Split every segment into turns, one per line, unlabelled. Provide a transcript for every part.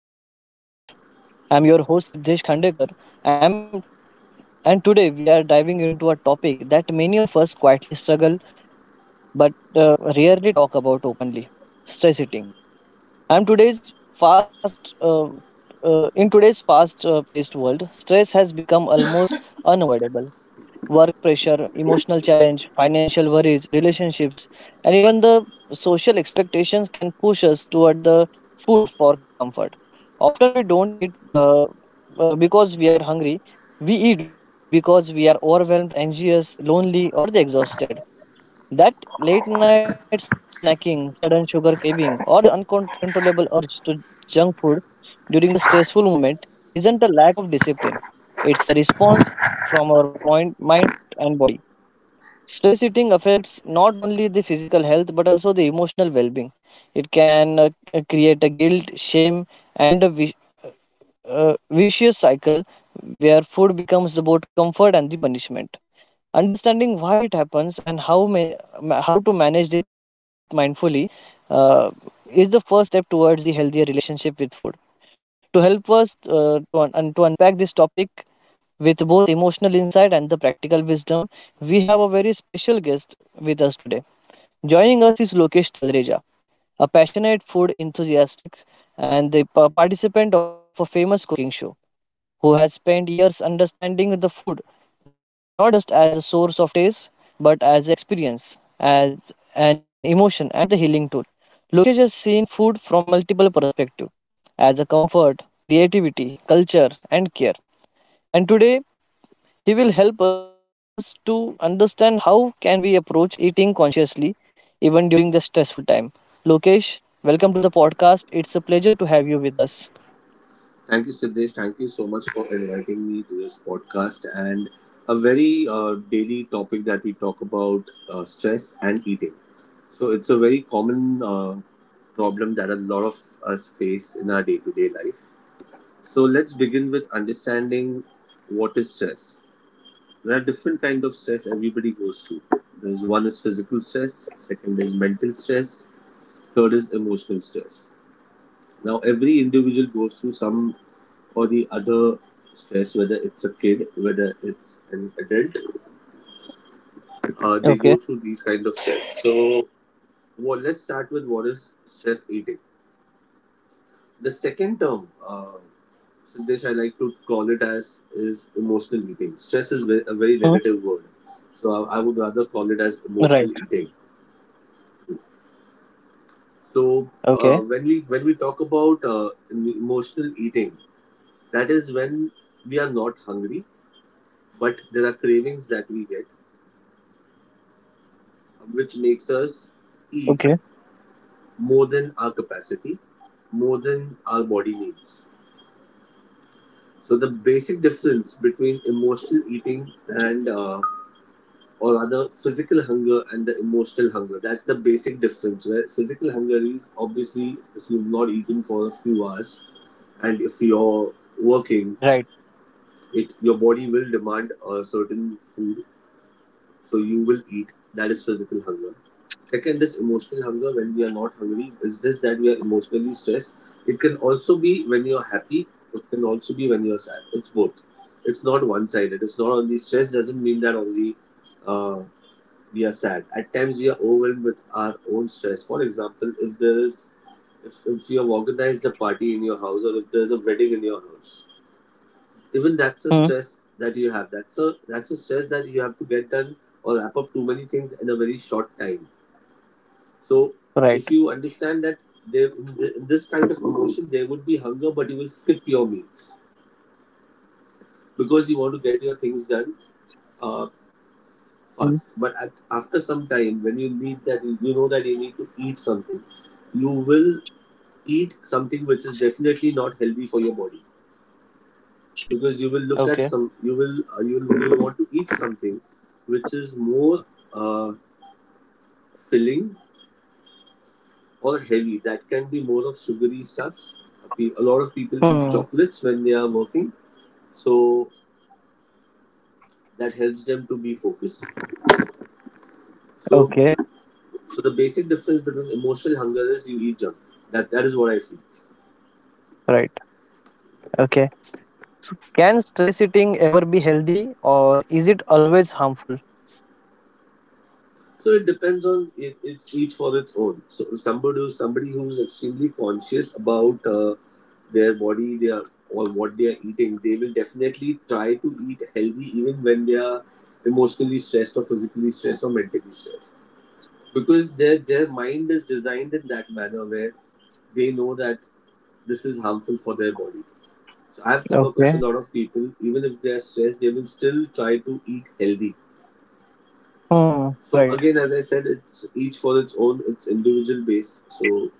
another insightful episode of our podcast. I'm your host Siddhesh Khandekar, I'm, and today we are diving into a topic that many of us quietly struggle but rarely talk about openly: stress eating. I'm today's fast. In today's fast-paced world, stress has become almost unavoidable work pressure, emotional challenge, financial worries, relationships, and even the social expectations can push us toward the food for comfort. Often we don't eat because we are hungry. We eat because we are overwhelmed, anxious, lonely, or the exhausted. That late night snacking, sudden sugar craving, or the uncontrollable urge to junk food during the stressful moment isn't a lack of discipline. It's a response from our mind and body. Stress eating affects not only the physical health but also the emotional well being. It can create a guilt, shame, and a vicious cycle where food becomes both comfort and the punishment. Understanding why it happens and how to manage it mindfully uh, is the first step towards the healthier relationship with food. To help us to un- and to unpack this topic with both emotional insight and the practical wisdom, we have a very special guest with us today. Joining us is Lokesh Talreja, a passionate food enthusiast and the participant of a famous cooking show who has spent years understanding the food not just as a source of taste but as an experience, as an emotion and the healing tool. Lokesh has seen food from multiple perspectives as a comfort, creativity, culture and care. And today he will help us to understand how can we approach eating consciously even during the stressful time. Lokesh, welcome to the podcast. It's a pleasure to have you with us.
Thank you, Siddesh. Thank you so much for inviting me to this podcast and a very daily topic that we talk about stress and eating. So, it's a very common problem that a lot of us face in our day to day life. So, let's begin with understanding what is stress. There are different kind of stress everybody goes through. There's one is physical stress, second is mental stress, third is emotional stress. Now, every individual goes through some or the other stress, whether it's a kid, whether it's an adult,
Okay.
they go through these kind of stress. So, well, let's start with what is stress eating. The second term, Siddesh, I like to call it as is emotional eating. Stress is a
Hmm.
very negative word, so I would rather call it as
Right.
emotional eating.
Okay.
So when we talk about emotional eating, that is when we are not hungry, but there are cravings that we get which makes us
Okay.
eat more than our capacity, more than our body needs. So the basic difference between emotional eating and or rather physical hunger and the emotional hunger, that's the basic difference, where physical hunger is obviously if you've not eaten for a few hours and if you're
Right.
working it, your body will demand a certain food, so you will eat. That is physical hunger. Second is emotional hunger, when we are not hungry is this, that we are emotionally stressed. It can also be when you're happy, it can also be when you're sad, it's both. It's not one sided, it's not only stress, doesn't mean that only uh, we are sad, at times we are overwhelmed with our own stress. For example, if there is if you have organized a party in your house or if there's a wedding in your house, even
Hmm.
that's a stress that you have, that's a stress that you have to get done or wrap up too many things in a very short time. So
Right.
if you understand that in this kind of promotion there would be hunger, but you will skip your meals because you want to get your things done uh,
Hmm.
fast. But after some time when you need that, you know that you need to eat something, you will eat something which is definitely not healthy for your body, because you will
Okay.
look at some, you will you will, you want to eat something which is more uh, filling or heavy. That can be more of sugary stuffs. A lot of people
Hmm.
eat chocolates when they are working, so that helps them to be focused. so
Okay.
so the basic difference between emotional hunger is you eat junk. That is what I feel.
Right. Okay. Can stress eating ever be healthy or is it always harmful?
So it depends it's each for its own. So somebody who's extremely conscious about their body, they are or what they are eating, they will definitely try to eat healthy even when they are emotionally stressed or physically stressed or mentally stressed, because their mind is designed in that manner where they know that this is harmful for their body. So I've come across a
Okay.
lot of people, even if they are stressed, they will still try to eat healthy.
Hmm.
So
Right.
again, as I said, it's each for its own. It's individual based. So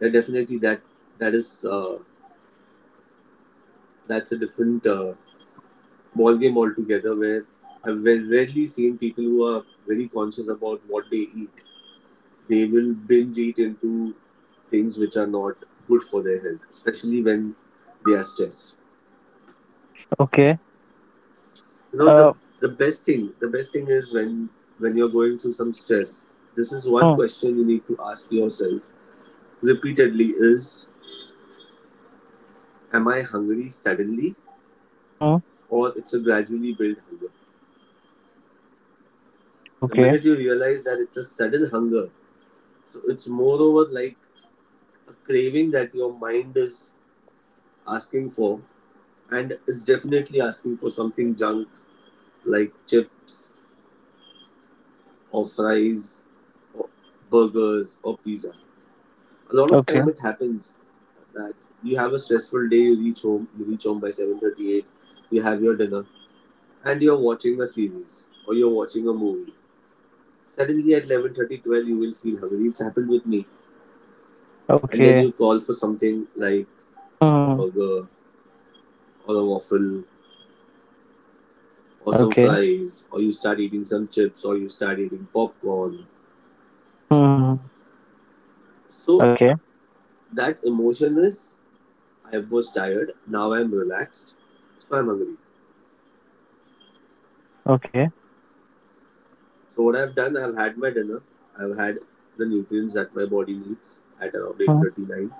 yeah, definitely that is uh, that's a different ball game altogether. Where I've rarely seen people who are very conscious about what they eat. They will binge eat into things which are not good for their health, especially when they are stressed.
Okay.
You know,
Uh.
the best thing is when you're going through some stress. This is one
Hmm.
question you need to ask yourself repeatedly: is Am I hungry suddenly?
Hmm.
Or it's a gradually built hunger? The
Okay.
minute you realize that it's a sudden hunger, so it's moreover like a craving that your mind is asking for, and it's definitely asking for something junk, like chips or fries or burgers or pizza. A lot of
Okay.
time it happens that you have a stressful day, you reach home by 7:38, you have your dinner, and you're watching a series or you're watching a movie. Suddenly at 11:30, 12, you will feel hungry. It's happened with me. And then
Okay.
you call for something like a
Hmm.
burger or a waffle or some
Okay.
fries, or you start eating some chips or you start eating popcorn.
Hmm.
So
Okay.
that emotion is, I was tired, now I'm relaxed, so I'm hungry.
Okay.
So what I've done, I've had my dinner, I've had the nutrients that my body needs at around
Hmm.
8:39.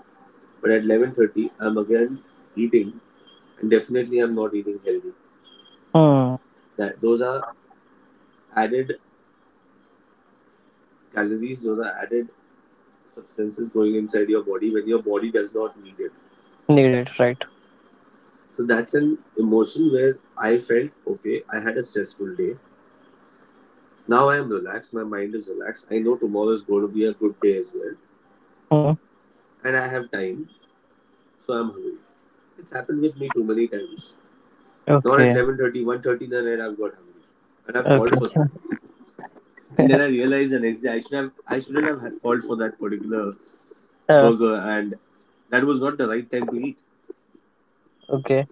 But at 11:30, I'm again eating, and definitely I'm not eating healthy.
Hmm.
That those are added calories or the added substances going inside your body when your body does not need it.
Needed. Right.
So that's an emotion where I felt okay, I had a stressful day. Now I am relaxed, my mind is relaxed. I know tomorrow is going to be a good day as well,
Hmm.
and I have time, so I'm hungry. It's happened with me too many times. Not at
Okay.
11:30, one thirty 1:30 in the night I've got hungry, and I've
Okay.
called for something. And then I realized the next day I shouldn't have had called for that particular
Uh,
burger, and that was not the right time to eat.
Okay,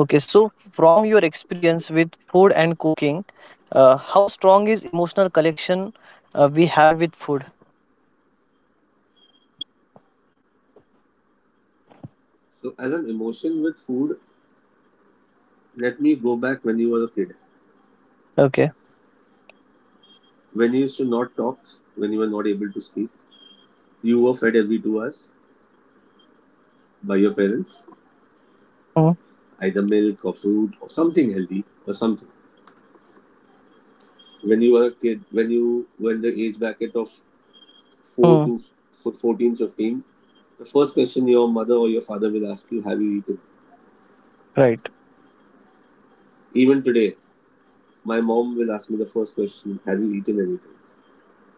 Okay, so from your experience with food and cooking, how strong is emotional connection we have with food?
So as an emotion with food, let me go back when you were a kid.
Okay.
When you used to not talk, when you were not able to speak, you were fed every 2 hours by your parents,
Mm,
either milk or fruit or something healthy or something. When you were a kid, when you were in the age bracket of 4
mm,
to 14, 15, the first question your mother or your father will ask you, Have you eaten?
right.
Even today, my mom will ask me the first question, Have you eaten anything?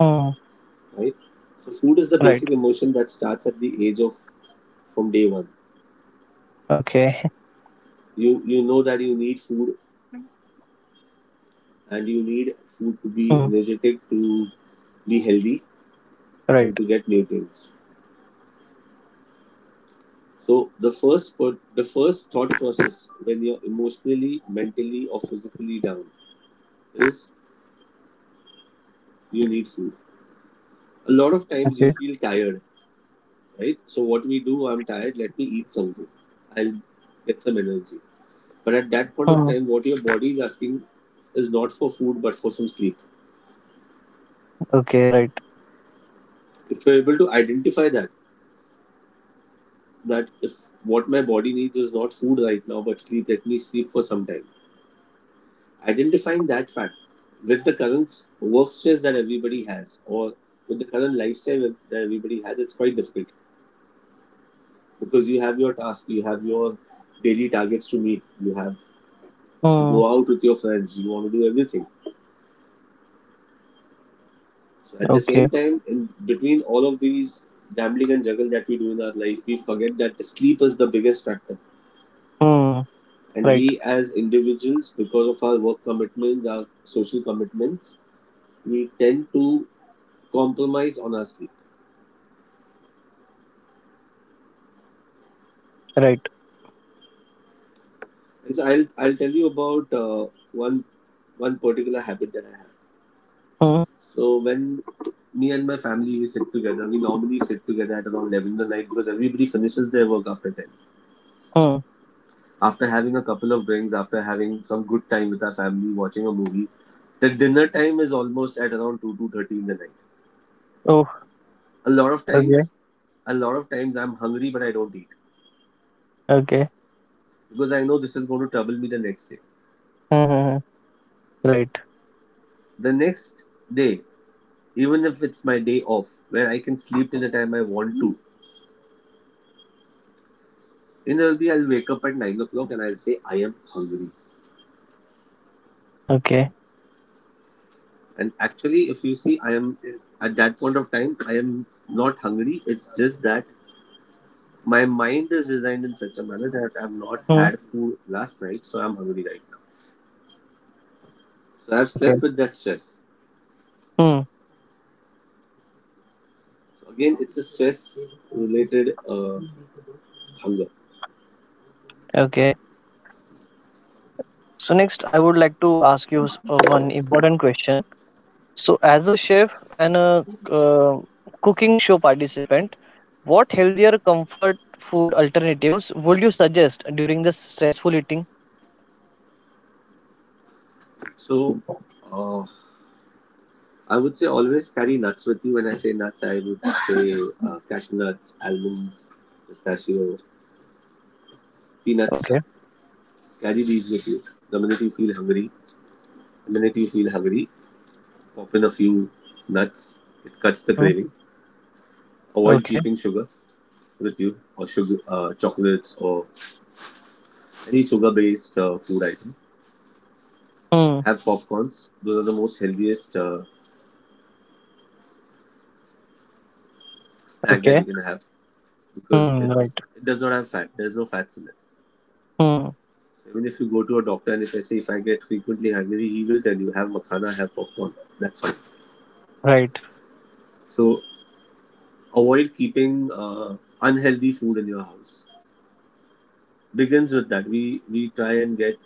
Mm,
Right? So, food is the
right.
basic emotion that starts at the age of, from day one.
Okay.
You know that you need food, and you need food to be
Mm,
energetic, to be healthy
right.
and to get nutrients. So the the first thought process when you're emotionally, mentally or physically down is you need food. A lot of times
Okay.
you feel tired, right? So what we do, I'm tired, let me eat something, I'll get some energy. But at that point of
Mm,
time what your body is asking is not for food but for some sleep.
okay. Right.
If you're able to identify that, that if what my body needs is not food right now but sleep, let me sleep for some time. Identifying that fact with the current work stress that everybody has, or with the current lifestyle that everybody has, it's quite difficult, because you have your task, you have your daily targets to meet, you have to
Mm,
go out with your friends, you want to do everything. So at the
okay.
same time, in between all of these gambling and juggle that we do in our life, we forget that the sleep is the biggest factor,
Mm,
and
right.
we, as individuals, because of our work commitments, our social commitments, we tend to compromise on our sleep.
Right.
And so I'll tell you about one particular habit that I have.
Mm,
So when me and my family, we normally sit together at around 11 in the night, because everybody finishes their work after 10,
mm.
after having a couple of drinks, after having some good time with our family watching a movie. The dinner time is almost at around 2, 2 30 in the night.
Oh.
a lot of
Okay.
times a lot of times I'm hungry, but I don't eat
Okay.
because I know this is going to trouble me the next day.
Mm-hmm. Right.
The next day, even if it's my day off, where I can sleep till the time I want to, invariably I'll wake up at 9 o'clock and I'll say I am hungry.
Okay.
And actually, if you see, I am at that point of time, I am not hungry. It's just that my mind is designed in such a manner that I've not
Mm,
had food last night, so I'm hungry right now. So I've
okay.
slept with that stress.
Mm,
So again, it's a stress-related hunger.
okay. So next, I would like to ask you one important question. So, as a chef and a cooking show participant, what healthier comfort food alternatives would you suggest during the stressful eating?
So. Uh, I would say always carry nuts with you. When I say nuts, I would say cashew nuts, almonds, pistachio,
Okay.
peanuts. Carry these with you. The minute you feel hungry, the minute you feel hungry, pop in a few nuts. It cuts the
Hmm.
craving. Avoid
Okay.
keeping sugar with you, or sugar, chocolates or any sugar-based food item.
Hmm.
Have popcorns. Those are the most healthiest snack that
Okay.
you can have, because
Hmm. Right.
it does not have fat. There's no fats in it.
Hmm.
Even if you go to a doctor and if I say if I get frequently hungry, he will tell you have makhana, have popcorn. That's fine.
Right.
So avoid keeping unhealthy food in your house. Begins with that. We try and get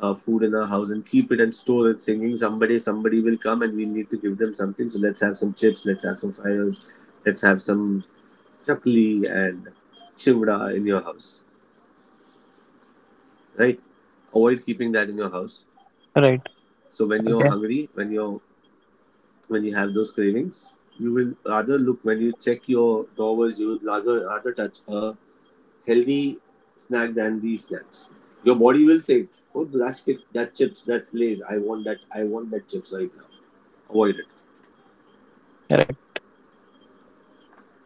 food in our house and keep it and store it, thinking somebody will come and we need to give them something. So let's have some chips, let's have some fires, let's have some chakli and chivda in your house, right? Avoid keeping that in your house.
Right.
So when you're
Okay.
hungry, when you have those cravings, you will rather look. When you check your drawers, you would rather touch a healthy snack than these snacks. Your body will say, oh, that's that chips, that's lays. I want that chips right now. Avoid it.
Right.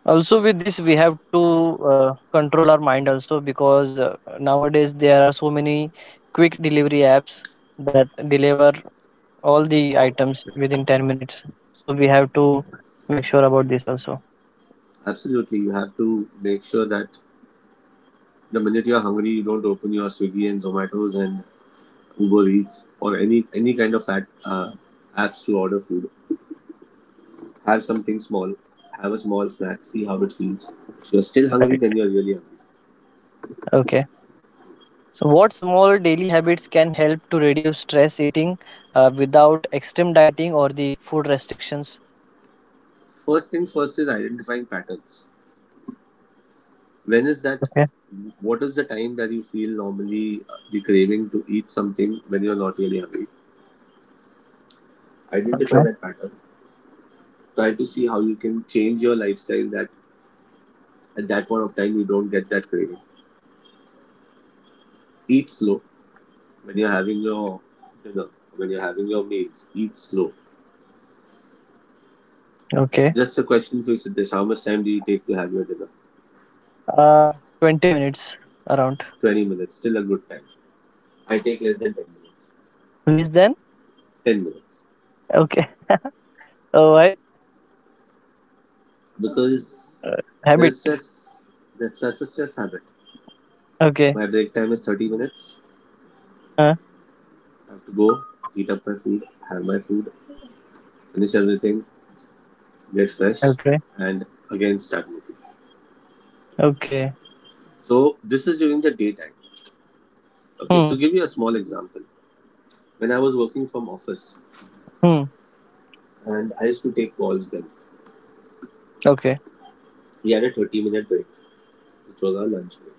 Also, with this, we have to control our mind also because nowadays there are so many quick delivery apps that deliver all the items within 10 minutes. So, we have to make sure about this also.
Absolutely, you have to make sure that the minute you're hungry, you don't open your Swiggy and Zomatos and Uber Eats or any kind of fat apps to order food. Have something small. Have a small snack. See how it feels. If you're still hungry,
Right.
then you're really hungry.
Okay. So, what small daily habits can help to reduce stress eating without extreme dieting or the food restrictions?
First thing first is identifying patterns. When is that?
Okay.
What is the time that you feel normally the craving to eat something when you're not really hungry?
Okay.
Identify that pattern. Try to see how you can change your lifestyle that at that point of time you don't get that craving. Eat slow when you're having your dinner, when you're having your meals. Eat slow.
Okay.
Just a question for you, Siddesh. How much time do you take to have your dinner?
Uh, 20 minutes around.
20 minutes, still a good time. I take less than 10 minutes.
Less than?
10 minutes
Okay. Oh, why?
because there's
Habit.
stress. That's such a stress habit.
Okay.
My break time is 30 minutes.
Uh,
I have to go, heat up my food, have my food, finish everything, get fresh,
okay.
and again start working.
Okay.
So this is during the daytime. Okay,
Hmm.
to give you a small example, when I was working from office
Hmm.
and I used to take calls then,
Okay.
we had a 30-minute break, which was our lunch break.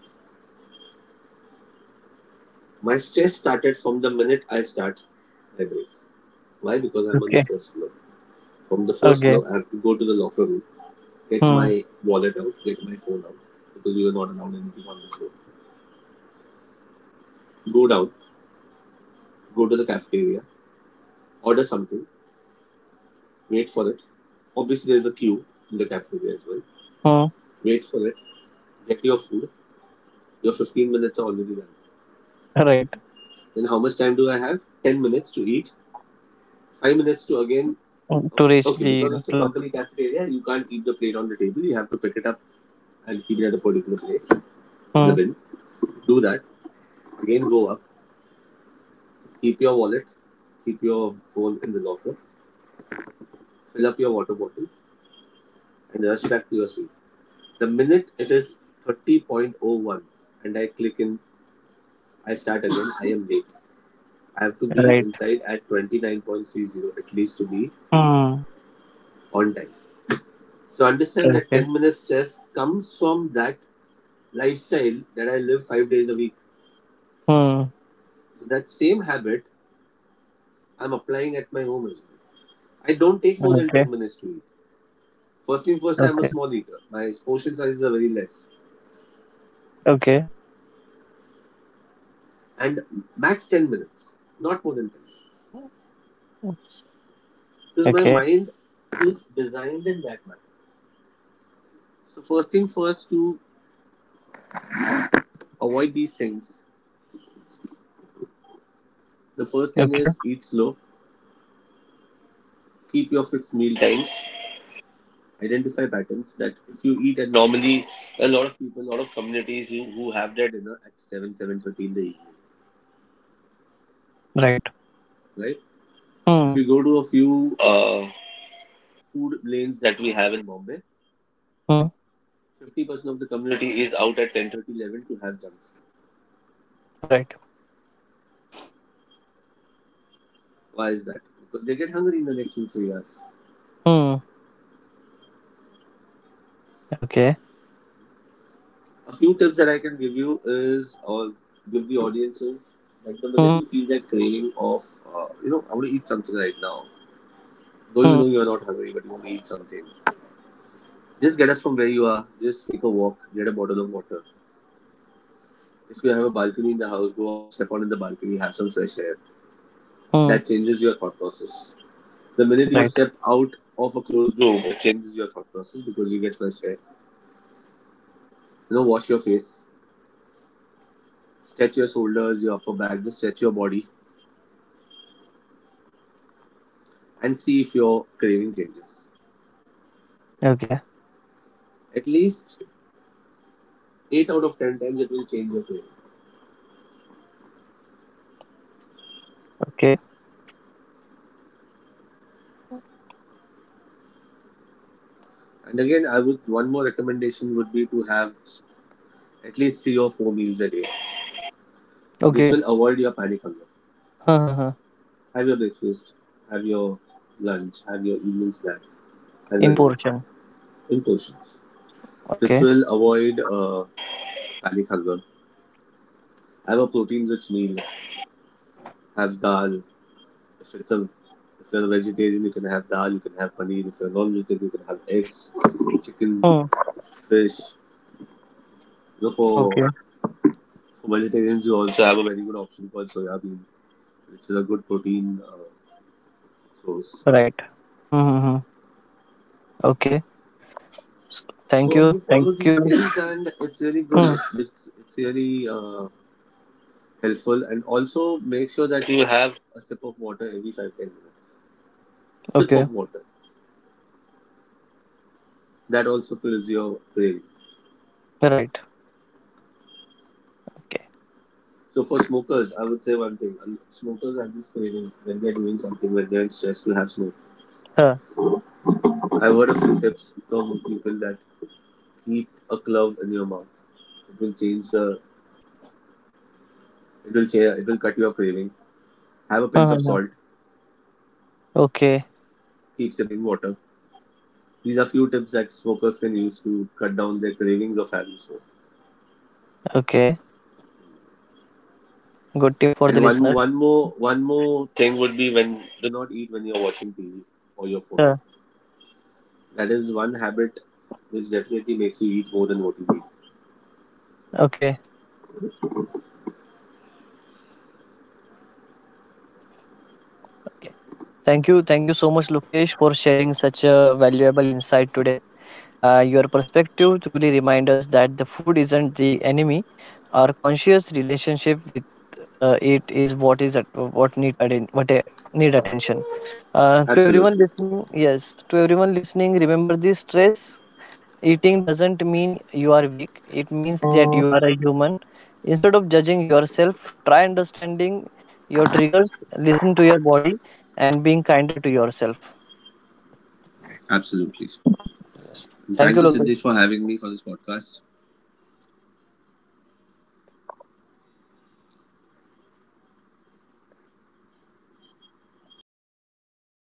My stress started from the minute I start my break. Why? Because I'm on the
Okay.
first floor. From the first
Okay.
floor, I have to go to the locker room, get
Hmm.
my wallet out, get my phone out, because we were not allowed anything on the floor. Go down, go to the cafeteria, order something, wait for it. Obviously, there's a queue in the cafeteria as well.
Hmm.
Wait for it, get your food. Your 15 minutes are already done.
Right.
Then how much time do I have? 10 minutes to eat, 5 minutes to again.
Hmm, to reach
Okay,
the
because it's a
floor.
company cafeteria, you can't keep the plate on the table. You have to pick it up and keep it at a particular place in the
Hmm.
bin. Do that. Again, go up. Keep your wallet. Keep your phone in the locker. Fill up your water bottle and rush back to your seat. The minute it is 30:01 and I click in, I start again, I am late. I have to be
Right.
inside at 29:30 at least to be
Hmm.
on time. So understand that
Okay.
10 minutes stress comes from that lifestyle that I live 5 days a week.
Hmm.
So that same habit I'm applying at my home as well. I don't take more than
Okay.
10 minutes to eat. First thing first, I'm a
Okay.
small eater. My portion sizes are very less.
Okay.
And max 10 minutes, not more than 10, because my
Okay.
mind is designed in that manner. So first thing first, to avoid these things. The first thing
Okay.
is eat slow, keep your fixed meal times, identify patterns that if you eat at normally a lot of people, a lot of communities, you who have their dinner at 7, 7:30 in the evening,
Right.
right?
Hmm.
If you go to a few food lanes that we have in Bombay,
Hmm.
50% of the community is out at 10:30, 11 to have junk.
Right.
Why is that? Because they get hungry in the next 2, 3 hours.
Hmm. Okay.
A few tips that I can give you is, or give the audiences, like the
Hmm.
minute you feel that craving of, I want to eat something right now. Though you
Hmm.
know you are not hungry, but you want to eat something. Just get up from where you are. Just take a walk. Get a bottle of water. If you have a balcony in the house, go out, step on in the balcony, have some fresh air.
Hmm.
That changes your thought process. The minute you
Right.
step out of a closed room, it changes your thought process because you get fresh air. Wash your face, stretch your shoulders, your upper back, just stretch your body, and see if your craving changes.
Okay.
At least eight out of 10 times it will change your day.
Okay.
And again, I would, one more recommendation would be to have at least three or four meals a day. This
Okay.
will avoid your panic hunger.
Huh, huh, huh.
Have your breakfast, have your lunch, have your evening snack, have
In
your dinner
portion.
in portions. This
Okay.
will avoid panic hunger. Have a protein-rich meal. Have dal. If you're a vegetarian, you can have dal. You can have paneer. If you're non-vegetarian, you can have eggs, chicken,
Hmm.
fish. You know, for
Okay.
For vegetarians, you also have a very good option called soya bean, which is a good protein source.
Right. Hmm. Hmm. Hmm. Okay. So, thank
So
you.
you
Thank
follow these
you.
things, and it's really good.
Hmm.
It's really helpful, and also make sure that you have a sip of water every 5-10 minutes. Sip
Okay.
of water, that also fills your craving.
Right. Okay.
So for smokers, I would say one thing: smokers are just craving when they're doing something, when they're in stress, to have smoke.
Huh.
I've heard a few tips from people that keep a clove in your mouth. It will change the It will change, it will cut your craving. Have a
Huh,
pinch
huh,
of
huh.
salt.
Okay.
Keep sipping water. These are few tips that smokers can use to cut down their cravings of having smoke.
Okay. Good tip for the
And one
listeners.
one more one more thing would be, when do not eat when you're watching TV or your phone.
Huh.
That is one habit which definitely makes you eat more than what you eat.
Okay. Okay. Thank you. Thank you so much, Lokesh, for sharing such a valuable insight today. Your perspective truly reminds us that the food isn't the enemy. Our conscious relationship with it is what is at, what need atten- what need attention. To everyone
Absolutely,
listening, yes, to everyone listening, remember this: stress eating doesn't mean you are weak. It means that you are a human. Instead of judging yourself, try understanding your triggers, listen to your body, and being kinder to yourself.
absolutely.
Yes.
And
Thank
thank
you,
you, Siddesh, for
Lokesh.
having me for this podcast.